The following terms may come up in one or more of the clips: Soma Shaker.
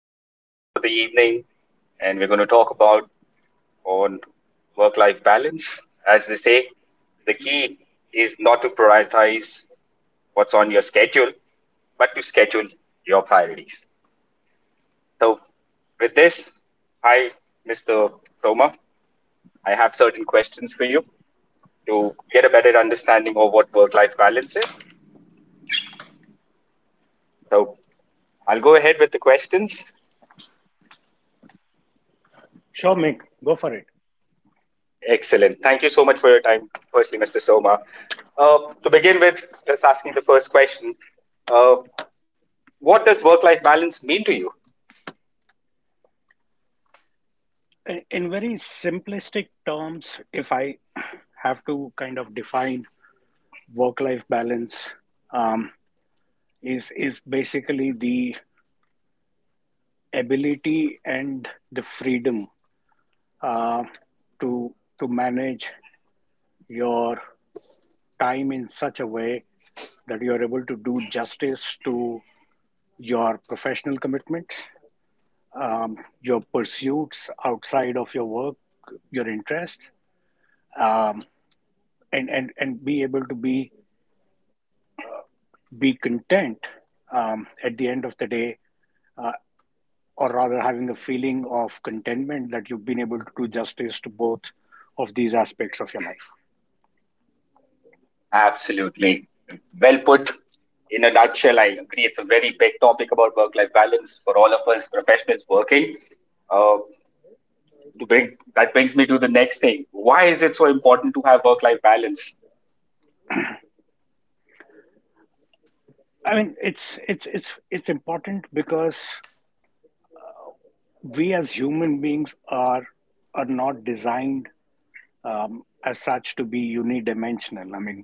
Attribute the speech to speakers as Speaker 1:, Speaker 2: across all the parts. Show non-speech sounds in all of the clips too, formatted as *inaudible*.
Speaker 1: who's a guest for the evening, and we're going to talk about on work-life balance. As they say, the key is not to prioritize what's on your schedule, but to schedule your priorities. So, with this, hi, Mr. Soma. I have certain questions for you to get a better understanding of what work-life balance is. So, I'll go ahead with the questions.
Speaker 2: Sure, Mick, go for it.
Speaker 1: Excellent. Thank you so much for your time, firstly, Mr. Soma. To begin with, let's asking the first question. Uh, what does work-life balance mean to you?
Speaker 2: In very simplistic terms, if I have to kind of define work-life balance, um, is basically the ability and the freedom uh, to to manage your time in such a way that you are able to do justice to your professional commitments, your pursuits outside of your work, your interests, um, and be able to be content at the end of the day, or rather having a feeling of contentment that you've been able to do justice to both of these aspects of your life.
Speaker 1: Absolutely. Well put. In a nutshell, I agree. It's a very big topic about work life balance for all of us professionals working. Uh, to that brings me to the next thing. Why is it so important to have work life balance?
Speaker 2: I mean, it's important because we as human beings are not designed, as such, to be unidimensional. I mean,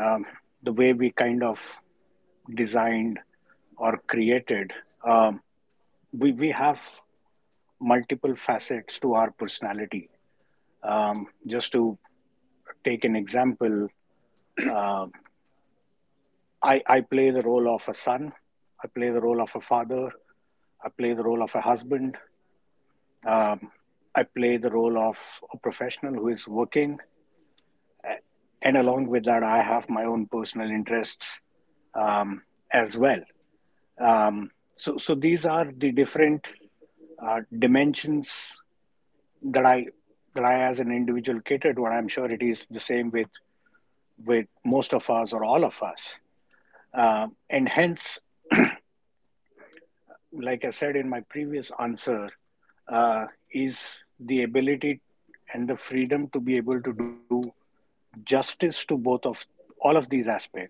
Speaker 2: um, the way we kind of designed or created, um, we have multiple facets to our personality. Just to take an example, uh, I play the role of a son, I play the role of a father, I play the role of a husband, um, I play the role of a professional who is working, and along with that, I have my own personal interests um, as well. Um, so, these are the different dimensions that I as an individual cater to, and I'm sure it is the same with most of us or all of us. And hence, like I said in my previous answer, uh, is the ability and the freedom to be able to do justice to both of all of these aspects.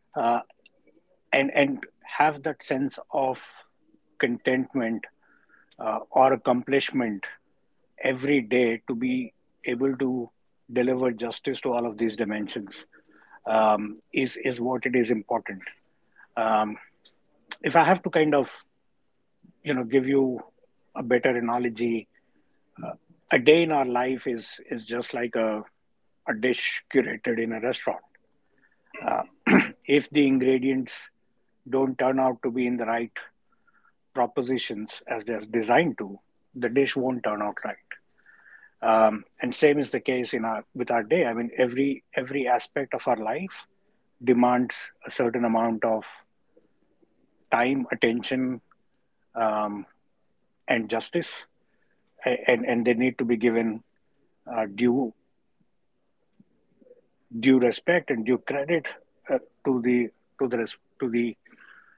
Speaker 2: Uh, and have that sense of contentment, or accomplishment, every day to be able to deliver justice to all of these dimensions is what it is important. Um, if I have to kind of give you a better analogy, a day in our life is just like a dish curated in a restaurant. Uh, *clears throat* if the ingredients don't turn out to be in the right propositions as they're designed to, the dish won't turn out right. And same is the case in our day. I mean, every aspect of our life demands a certain amount of time, attention, um, and justice, and they need to be given uh, due due respect and due credit uh, to the to the to the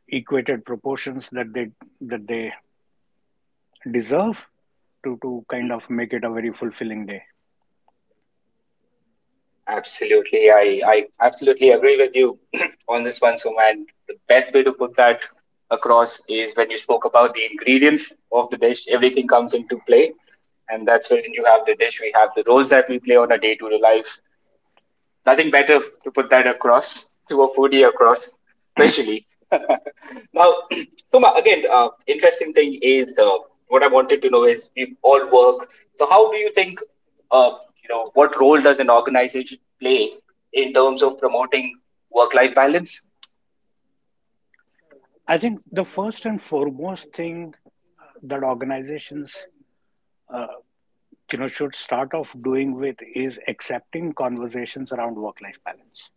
Speaker 2: equated proportions that they deserve to kind of make it a very fulfilling day.
Speaker 1: Absolutely, I absolutely agree with you *clears throat* on this one, So, and the best way to put that across is when you spoke about the ingredients of the dish, everything comes into play. And that's when you have the dish, we have the roles that we play on a day to day life. Nothing better to put that across to a foodie across, especially. *laughs* Now, *clears throat* Suma, again, interesting thing is what I wanted to know is we all work. So, how do you think, uh, what role does an organization play in terms of promoting work-life balance?
Speaker 2: I think the first and foremost thing that organizations, uh, should start off doing with, is accepting conversations around work-life balance,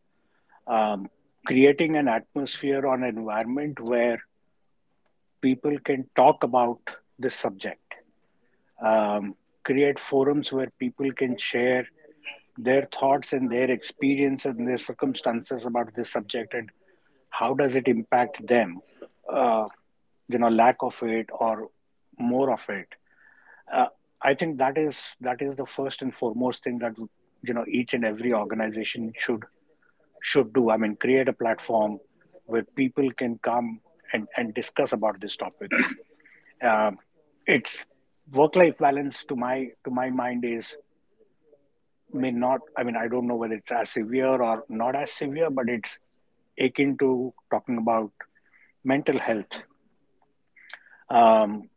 Speaker 2: um, creating an atmosphere or an environment where people can talk about this subject, um, create forums where people can share their thoughts and their experience and their circumstances about this subject, and how does it impact them, uh, lack of it or more of it. uh, I think that is the first and foremost thing that, each and every organization should do. I mean, create a platform where people can come and discuss about this topic. um, it's work-life balance, to my mind, is may not. I mean, I don't know whether it's as severe or not as severe, but it's akin to talking about mental health. um,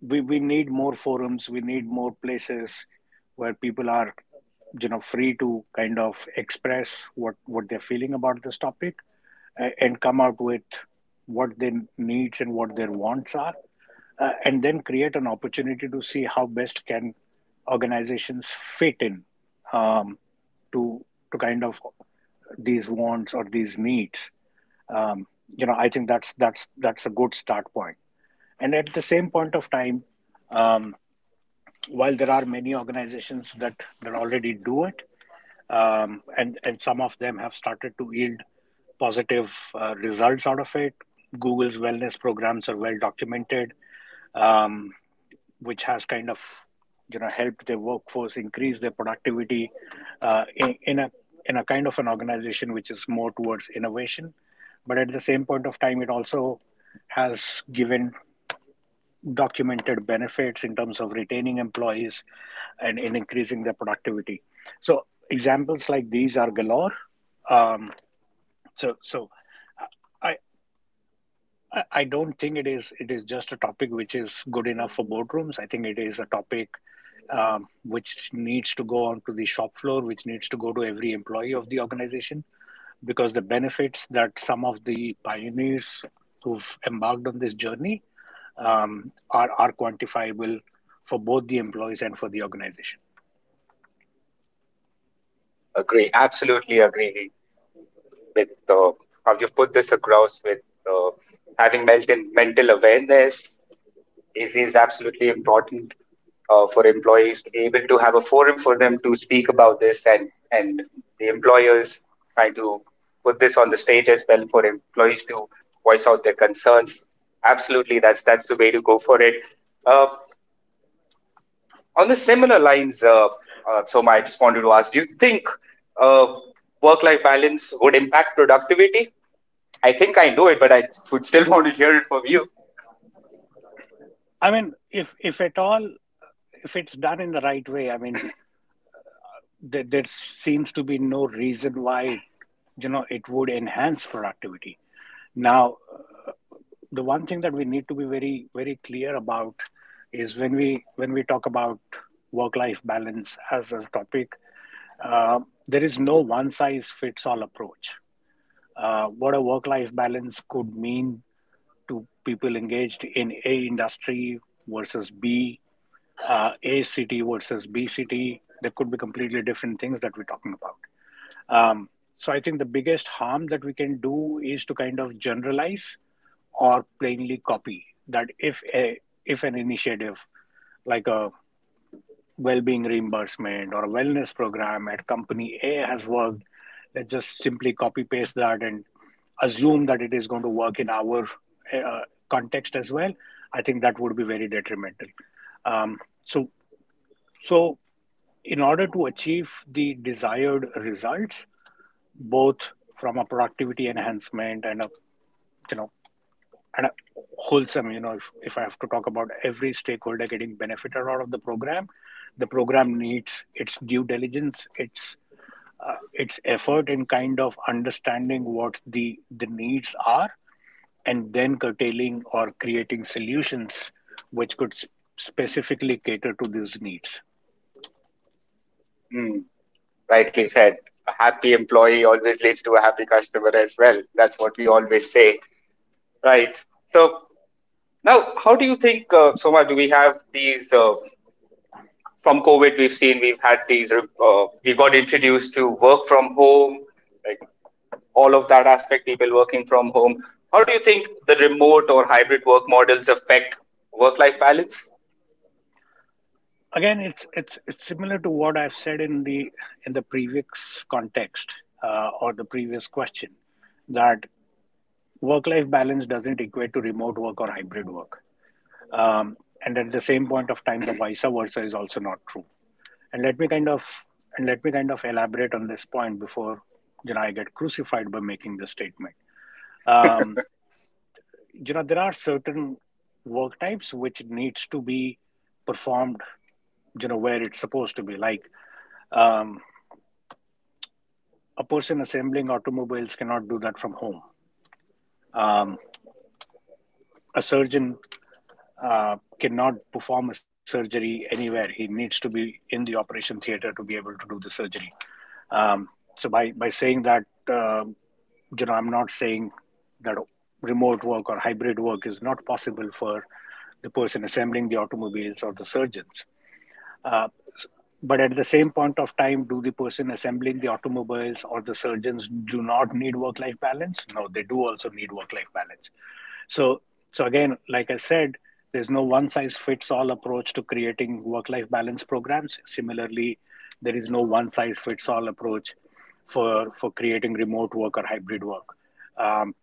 Speaker 2: we we need more forums. We need more places where people are, free to kind of express what they're feeling about this topic, and come out with what their needs and what their wants are, and then create an opportunity to see how best can organizations fit in, um, to to kind of these wants or these needs. Um, I think that's a good start point. And at the same point of time, um, while there are many organizations that already do it, and some of them have started to yield positive results out of it. Google's wellness programs are well documented, um, which has kind of helped their workforce increase their productivity uh, in, in a in a kind of an organization which is more towards innovation, but at the same point of time, it also has given documented benefits in terms of retaining employees and in increasing their productivity. So examples like these are galore. Um, so I I don't think it is just a topic which is good enough for boardrooms. I think it is a topic, which needs to go onto the shop floor, which needs to go to every employee of the organization, because the benefits that some of the pioneers who've embarked on this journey, are quantifiable for both the employees and for the organization.
Speaker 1: Agree. Absolutely agree with how you've put this across with uh, having mental awareness. It is absolutely important for employees to be able to have a forum for them to speak about this, and the employers try to put this on the stage as well for employees to voice out their concerns. Absolutely, that's the way to go for it. Uh, on the similar lines, so I just wanted to ask: do you think uh, work-life balance would impact productivity? I think I know it, but I would still *laughs* want to hear it from you.
Speaker 2: I mean, if at all, if it's done in the right way, I mean, there seems to be no reason why, it would enhance productivity. Now, the one thing that we need to be very very clear about is when we talk about work-life balance as a topic, uh, there is no one size fits all approach. What a work life balance could mean to people engaged in A industry versus B, A city versus B city. There could be completely different things that we're talking about. Um, so I think the biggest harm that we can do is to kind of generalize or plainly copy that if a if an initiative like a well-being reimbursement or a wellness program at company A has worked, let's just simply copy paste that and assume that it is going to work in our uh, context as well. I think that would be very detrimental. Um, so, so, in order to achieve the desired results, both from a productivity enhancement and a, you know and wholesome, if I have to talk about every stakeholder getting benefited out of the program, the program needs its due diligence, its effort in kind of understanding what the needs are, and then curtailing or creating solutions which could specifically cater to these needs.
Speaker 1: Hmm. Rightly said, a happy employee always leads to a happy customer as well. That's what we always say, right? So now, how do you think, Soma? Do we have these from COVID? We've had these. We got introduced to work from home, like all of that aspect. People working from home. How do you think the remote or hybrid work models affect work-life balance?
Speaker 2: Again, it's similar to what I've said in the previous context, or the previous question. That. Work life balance doesn't equate to remote work or hybrid work. Um, and at the same point of time, the vice versa is also not true. And let me kind of elaborate on this point before, I get crucified by making this statement. Um, there are certain work types which needs to be performed, where it's supposed to be. Like, um, a person assembling automobiles cannot do that from home. Um, a surgeon cannot perform a surgery anywhere. He needs to be in the operation theater to be able to do the surgery. Um, so by saying that, I'm not saying that remote work or hybrid work is not possible for the person assembling the automobiles or the surgeons. Uh, but at the same point of time, do the person assembling the automobiles or the surgeons do not need work-life balance? No, they do also need work-life balance. So, so again, like I said, there's no one size fits all approach to creating work life balance programs. Similarly, there is no one size fits all approach for creating remote work or hybrid work. Um,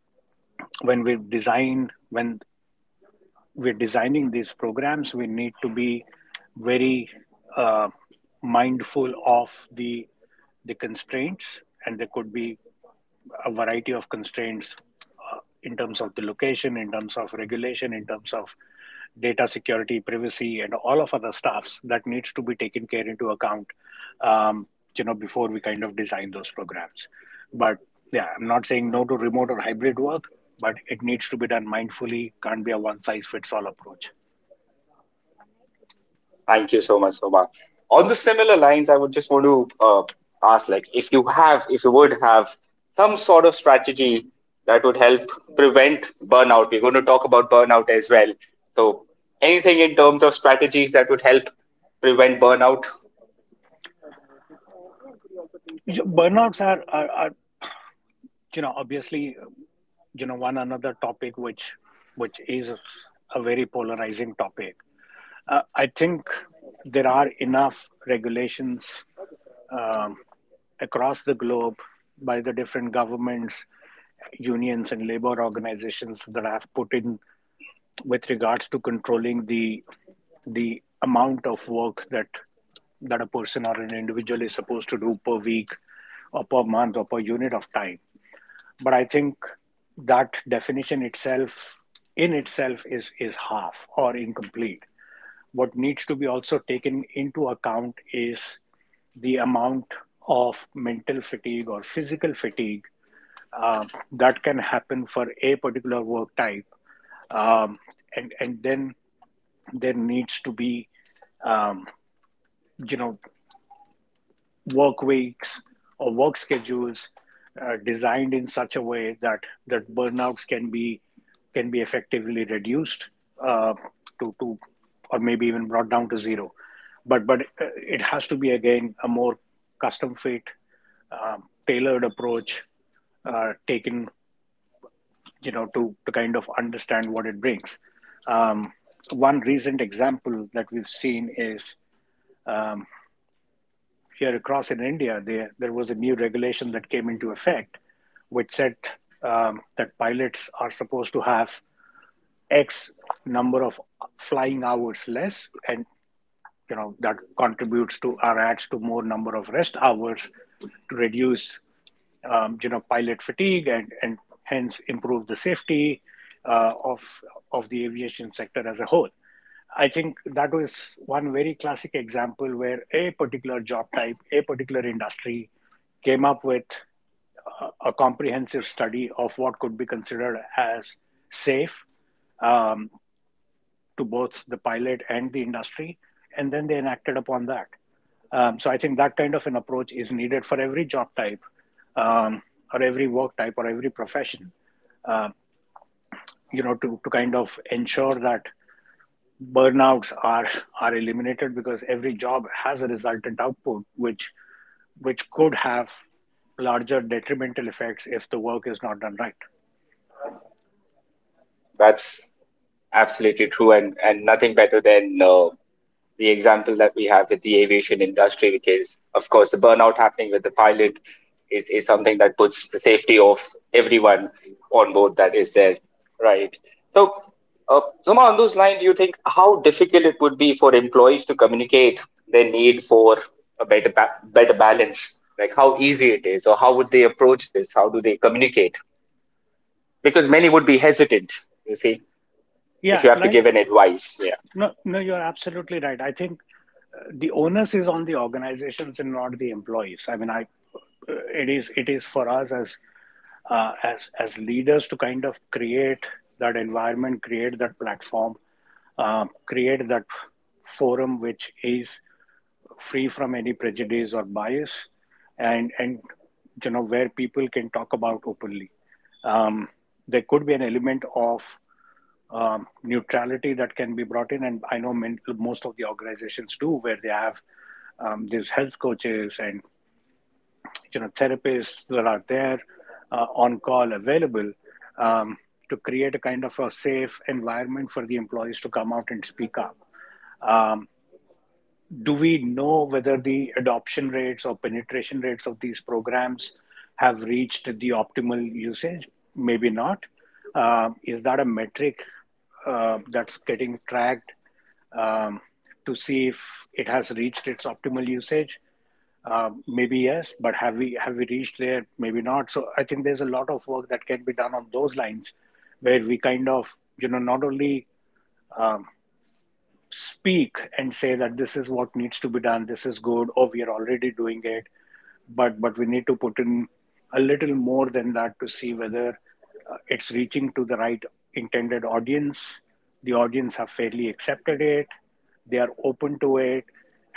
Speaker 2: when we're designing these programs, we need to be very uh, mindful of the constraints, and there could be a variety of constraints in terms of the location, in terms of regulation, in terms of data security, privacy, and all of other stuffs that needs to be taken care into account, um, before we kind of design those programs. But yeah, I'm not saying no to remote or hybrid work, but it needs to be done mindfully. Can't be a one size fits all approach.
Speaker 1: Thank you so much, Sobha. On the similar lines, I would just want to ask, like, if you would have some sort of strategy that would help prevent burnout. We're going to talk about burnout as well. So, anything in terms of strategies that would help prevent burnout?
Speaker 2: Burnouts are, obviously, one another topic which is a very polarizing topic. I think there are enough regulations, um, across the globe, by the different governments, unions, and labor organizations that have put in with regards to controlling the amount of work that a person or an individual is supposed to do per week or per month or per unit of time. But I think that definition itself in itself is half or incomplete. What needs to be also taken into account is the amount of mental fatigue or physical fatigue, that can happen for a particular work type, um, and then there needs to be, um, you know work weeks or work schedules designed in such a way that burnouts can be effectively reduced uh, to or maybe even brought down to zero. But it has to be again a more custom fit, tailored approach taken to kind of understand what it brings. Um, one recent example that we've seen is here across in India, there was a new regulation that came into effect, which said that pilots are supposed to have X number of flying hours less, and that contributes to or adds to more number of rest hours to reduce pilot fatigue, and hence improve the safety uh, of of the aviation sector as a whole. I think that was one very classic example where a particular job type, a particular industry came up with a comprehensive study of what could be considered as safe, um, to both the pilot and the industry, and then they enacted upon that. So I think that kind of an approach is needed for every job type, um, or every work type, or every profession. You know, to kind of ensure that burnouts are eliminated, because every job has a resultant output, which could have larger detrimental effects if the work is not done right.
Speaker 1: That's absolutely true, and nothing better than the example that we have with the aviation industry, because of course the burnout happening with the pilot is something that puts the safety of everyone on board that is there, right? So, Suma, on those lines, do you think how difficult it would be for employees to communicate their need for a better better balance? Like how easy it is, or how would they approach this? How do they communicate? Because many would be hesitant, you see, if you
Speaker 2: Yeah,
Speaker 1: have to give an
Speaker 2: like
Speaker 1: advice. Yeah.
Speaker 2: no, no, you're absolutely right. I think the onus is on the organizations and not the employees. I mean, I it is for us as leaders to kind of create that environment, create that platform, create that forum which is free from any prejudice or bias, and where people can talk about openly. Um, there could be an element of neutrality that can be brought in. And I know men, most of the organizations do, where they have these health coaches and therapists that are there on call available, um, to create a kind of a safe environment for the employees to come out and speak up. Um, do we know whether the adoption rates or penetration rates of these programs have reached the optimal usage? Maybe not. Is that a metric that's getting tracked, um, to see if it has reached its optimal usage? Maybe yes, but have we reached there? Maybe not. So I think there's a lot of work that can be done on those lines, where we kind of not only speak and say that this is what needs to be done, this is good, or we are already doing it, but we need to put in a little more than that to see whether it's reaching to the right intended audience. The audience have fairly accepted it, they are open to it,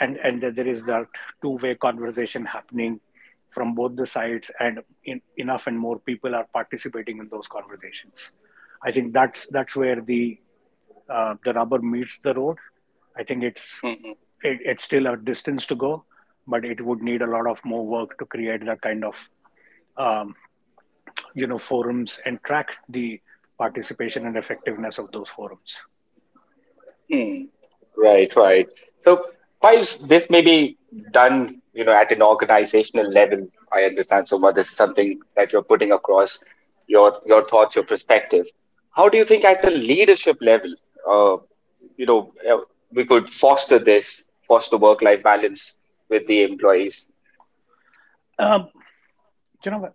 Speaker 2: and that there is that two-way conversation happening from both the sides, and in, enough and more people are participating in those conversations. I think that's where the rubber meets the road. I think it's still a distance to go, but it would need a lot of more work to create that kind of um, forums and track the participation and effectiveness of those forums.
Speaker 1: Hmm. Right, right. So whilst this may be done, you know, at an organizational level, I understand, So, but this is something that you're putting across your thoughts, your perspective. How do you think at a leadership level, uh, you know, uh, we could foster foster work-life balance with the employees?
Speaker 2: Um, you know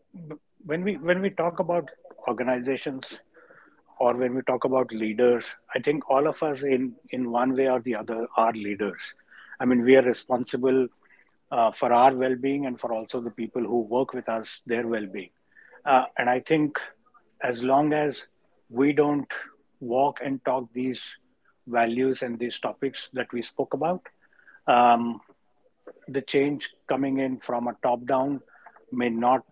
Speaker 2: when we talk about organizations or when we talk about leaders, I think all of us in one way or the other are leaders. I mean, we are responsible for our well being and for also the people who work with us, their well being. And I think as long as we don't walk and talk these values and these topics that we spoke about, um, the change coming in from a top down may not,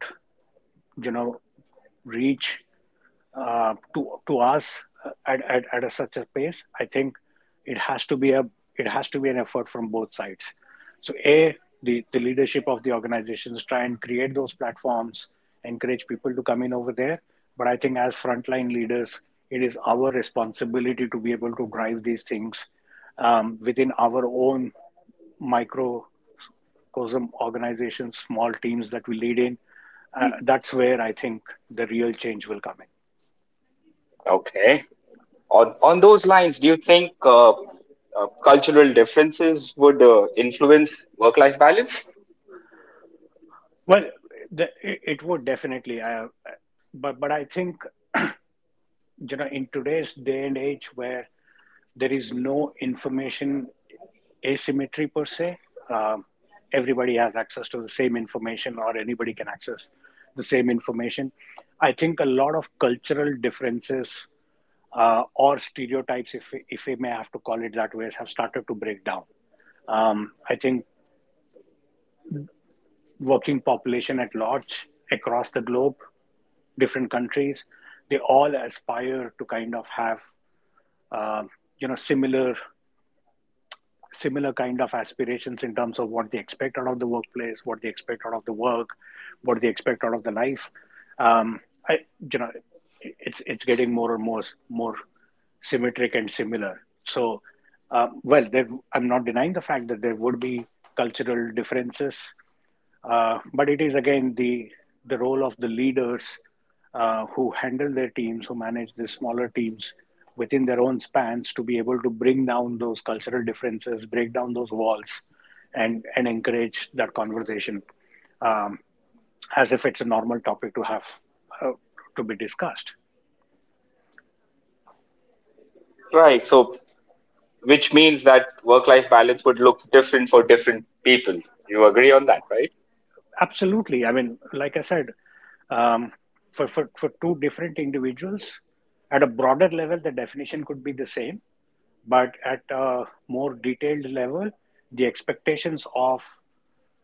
Speaker 2: you know, reach to us at a, such a pace. I think it has to be a, it has to be an effort from both sides. So a, the leadership of the organizations try and create those platforms, encourage people to come in over there, but I think as frontline leaders, it is our responsibility to be able to drive these things within our own microcosm organizations, small teams that we lead in. That's where I think the real change will come in.
Speaker 1: Okay. On those lines, do you think cultural differences would influence work-life balance?
Speaker 2: Well, the, it would definitely, but I think in today's day and age where there is no information asymmetry per se, um, everybody has access to the same information, or anybody can access the same information. I think a lot of cultural differences or stereotypes, if we may have to call it that way, have started to break down. I think working population at large across the globe, different countries. They all aspire to kind of have um, you know similar similar kind of aspirations in terms of what they expect out of the workplace, what they expect out of the work, what they expect out of the life. Um, I you know it's getting more and more symmetric and similar. So, well, I'm not denying the fact that there would be cultural differences, but it is again the role of the leaders who handle their teams, who manage the smaller teams within their own spans, to be able to bring down those cultural differences, break down those walls, and encourage that conversation um, as if it's a normal topic to have uh, to be discussed.
Speaker 1: Right. So which means that work life balance would look different for different people. You agree on that, right?
Speaker 2: Absolutely, I mean, like I said, um, for two different individuals, at a broader level, the definition could be the same, but at a more detailed level, the expectations of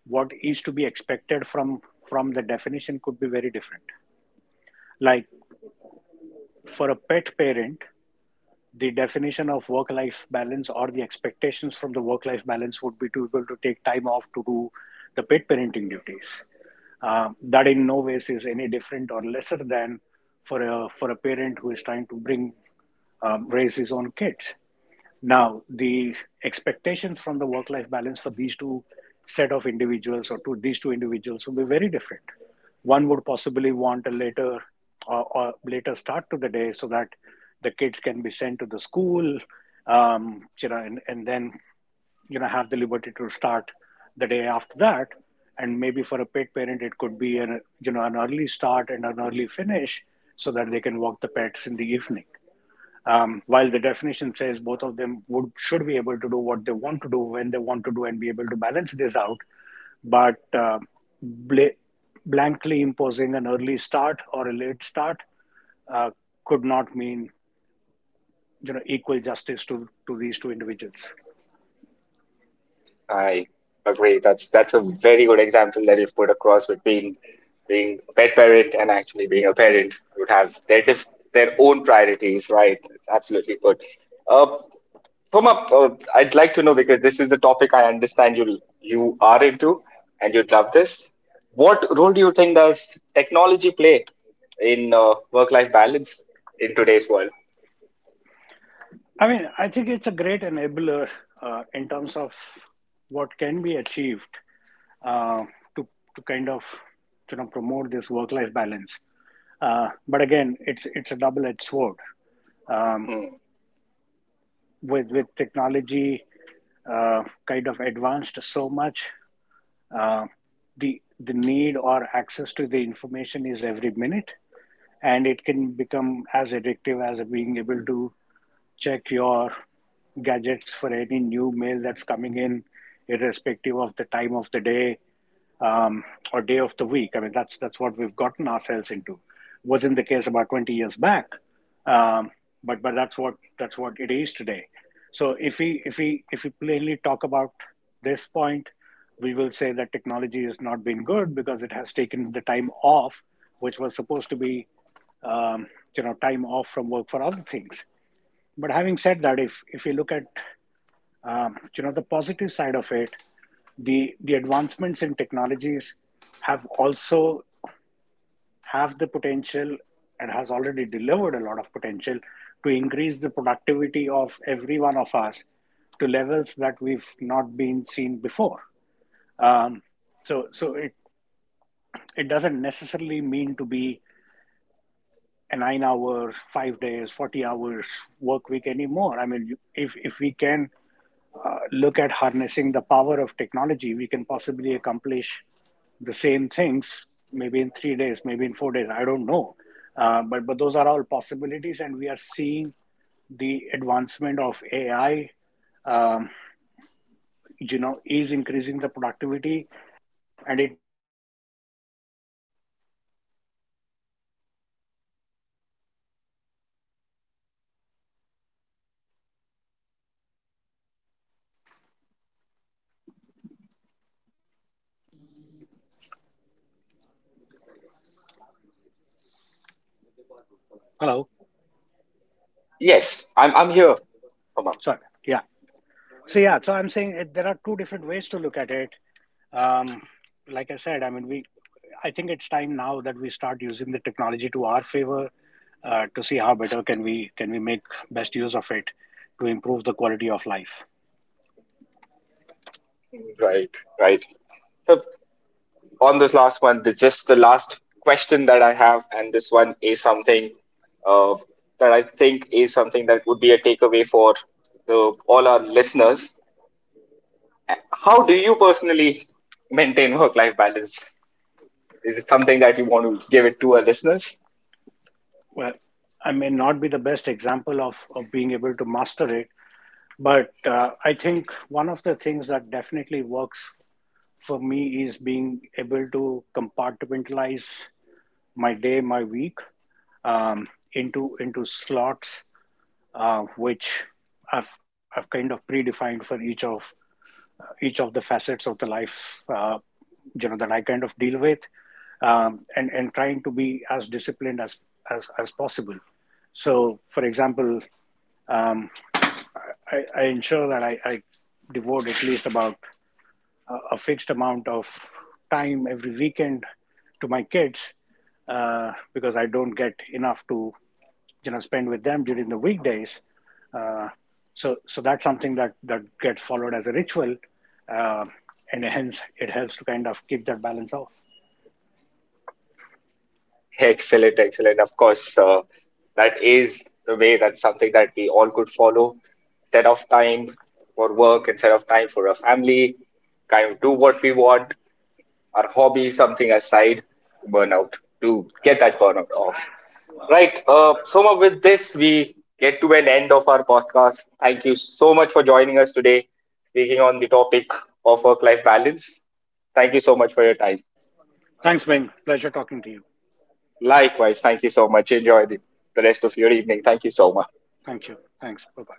Speaker 2: what is to be expected from the definition could be very different. Like, for a pet parent, the definition of work-life balance or the expectations from the work-life balance would be to be able to take time off to do the pet parenting duties. That in no ways is any different or lesser than for a parent who is trying to bring raise his own kids. Now, the expectations from the work life balance for these two set of individuals or to these two individuals will be very different. One would possibly want a later or later start to the day so that the kids can be sent to the school, you know, and then have the liberty to start the day after that, and maybe for a pet parent it could be an an early start and an early finish so that they can walk the pets in the evening. While the definition says both of them would should be able to do what they want to do when they want to do and be able to balance this out, but bla- blankly imposing an early start or a late start uh, could not mean equal justice to these two individuals.
Speaker 1: I agree. That's a very good example that you've put across between being a pet parent and actually being a parent. Would have their their own priorities, right? It's absolutely good. Uh, Puma, I'd like to know because this is the topic I understand you are into and you'd love this. What role do you think does technology play in work life balance in today's world?
Speaker 2: I mean, I think it's a great enabler in terms of what can be achieved, uh, to to kind of promote this work-life balance. But again, it's a double-edged sword. Um,
Speaker 1: Hmm.
Speaker 2: with technology kind of advanced so much, uh, the need or access to the information is every minute, and it can become as addictive as being able to check your gadgets for any new mail that's coming in, irrespective of the time of the day um, or day of the week. I mean, that's what we've gotten ourselves into. Wasn't the case about 20 years back, um, but that's what it is today. So if we plainly talk about this point, we will say that technology has not been good because it has taken the time off, which was supposed to be um, time off from work for other things. But having said that, if you look at the positive side of it, the advancements in technologies have also have the potential, and has already delivered a lot of potential to increase the productivity of every one of us to levels that we've not been seen before. Um, so it it doesn't necessarily mean to be a 9 hour, 5 days, 40 hours work week anymore. I mean, if we can look at harnessing the power of technology, we can possibly accomplish the same things maybe in 3 days, maybe in 4 days. I don't know. But those are all possibilities, and we are seeing the advancement of AI, um, you know, is increasing the productivity, and it
Speaker 3: Hello.
Speaker 1: Yes, I'm here, Uma.
Speaker 3: Sorry. Yeah. So yeah. So I'm saying it, there are two different ways to look at it. Um, like I said, I mean, we. I think it's time now that we start using the technology to our favor to see how better can we make best use of it to improve the quality of life.
Speaker 1: Right, right. So on this last one, this just the last question that I have, and this one is something uh, that I think is something that would be a takeaway for the all our listeners. How do you personally maintain work-life balance? Is it something that you want to give it to our listeners?
Speaker 3: Well, I may not be the best example of being able to master it, but I think one of the things that definitely works for me is being able to compartmentalize my day, my week um, into slots, which I've kind of predefined for each of the facets of the life, that I kind of deal with, and trying to be as disciplined as as possible. So, for example, um, I ensure that I devote at least about a fixed amount of time every weekend to my kids because I don't get enough to spend with them during the weekdays. Uh, so that's something that gets followed as a ritual, uh, and hence it helps to kind of keep that balance off.
Speaker 1: Excellent, excellent. Of course, that is the way. That's something that we all could follow. Set of time for work and set of time for a family. Kind of do what we want, our hobby, something aside, burnout to get that burnout off. Right. Soma, with this, we get to an end of our podcast. Thank you so much for joining us today, speaking on the topic of work-life balance. Thank you so much for your time.
Speaker 3: Thanks, Ming. Pleasure talking to you.
Speaker 1: Likewise, thank you so much. Enjoy the rest of your evening. Thank you so much.
Speaker 3: Thank you. Thanks. Bye bye.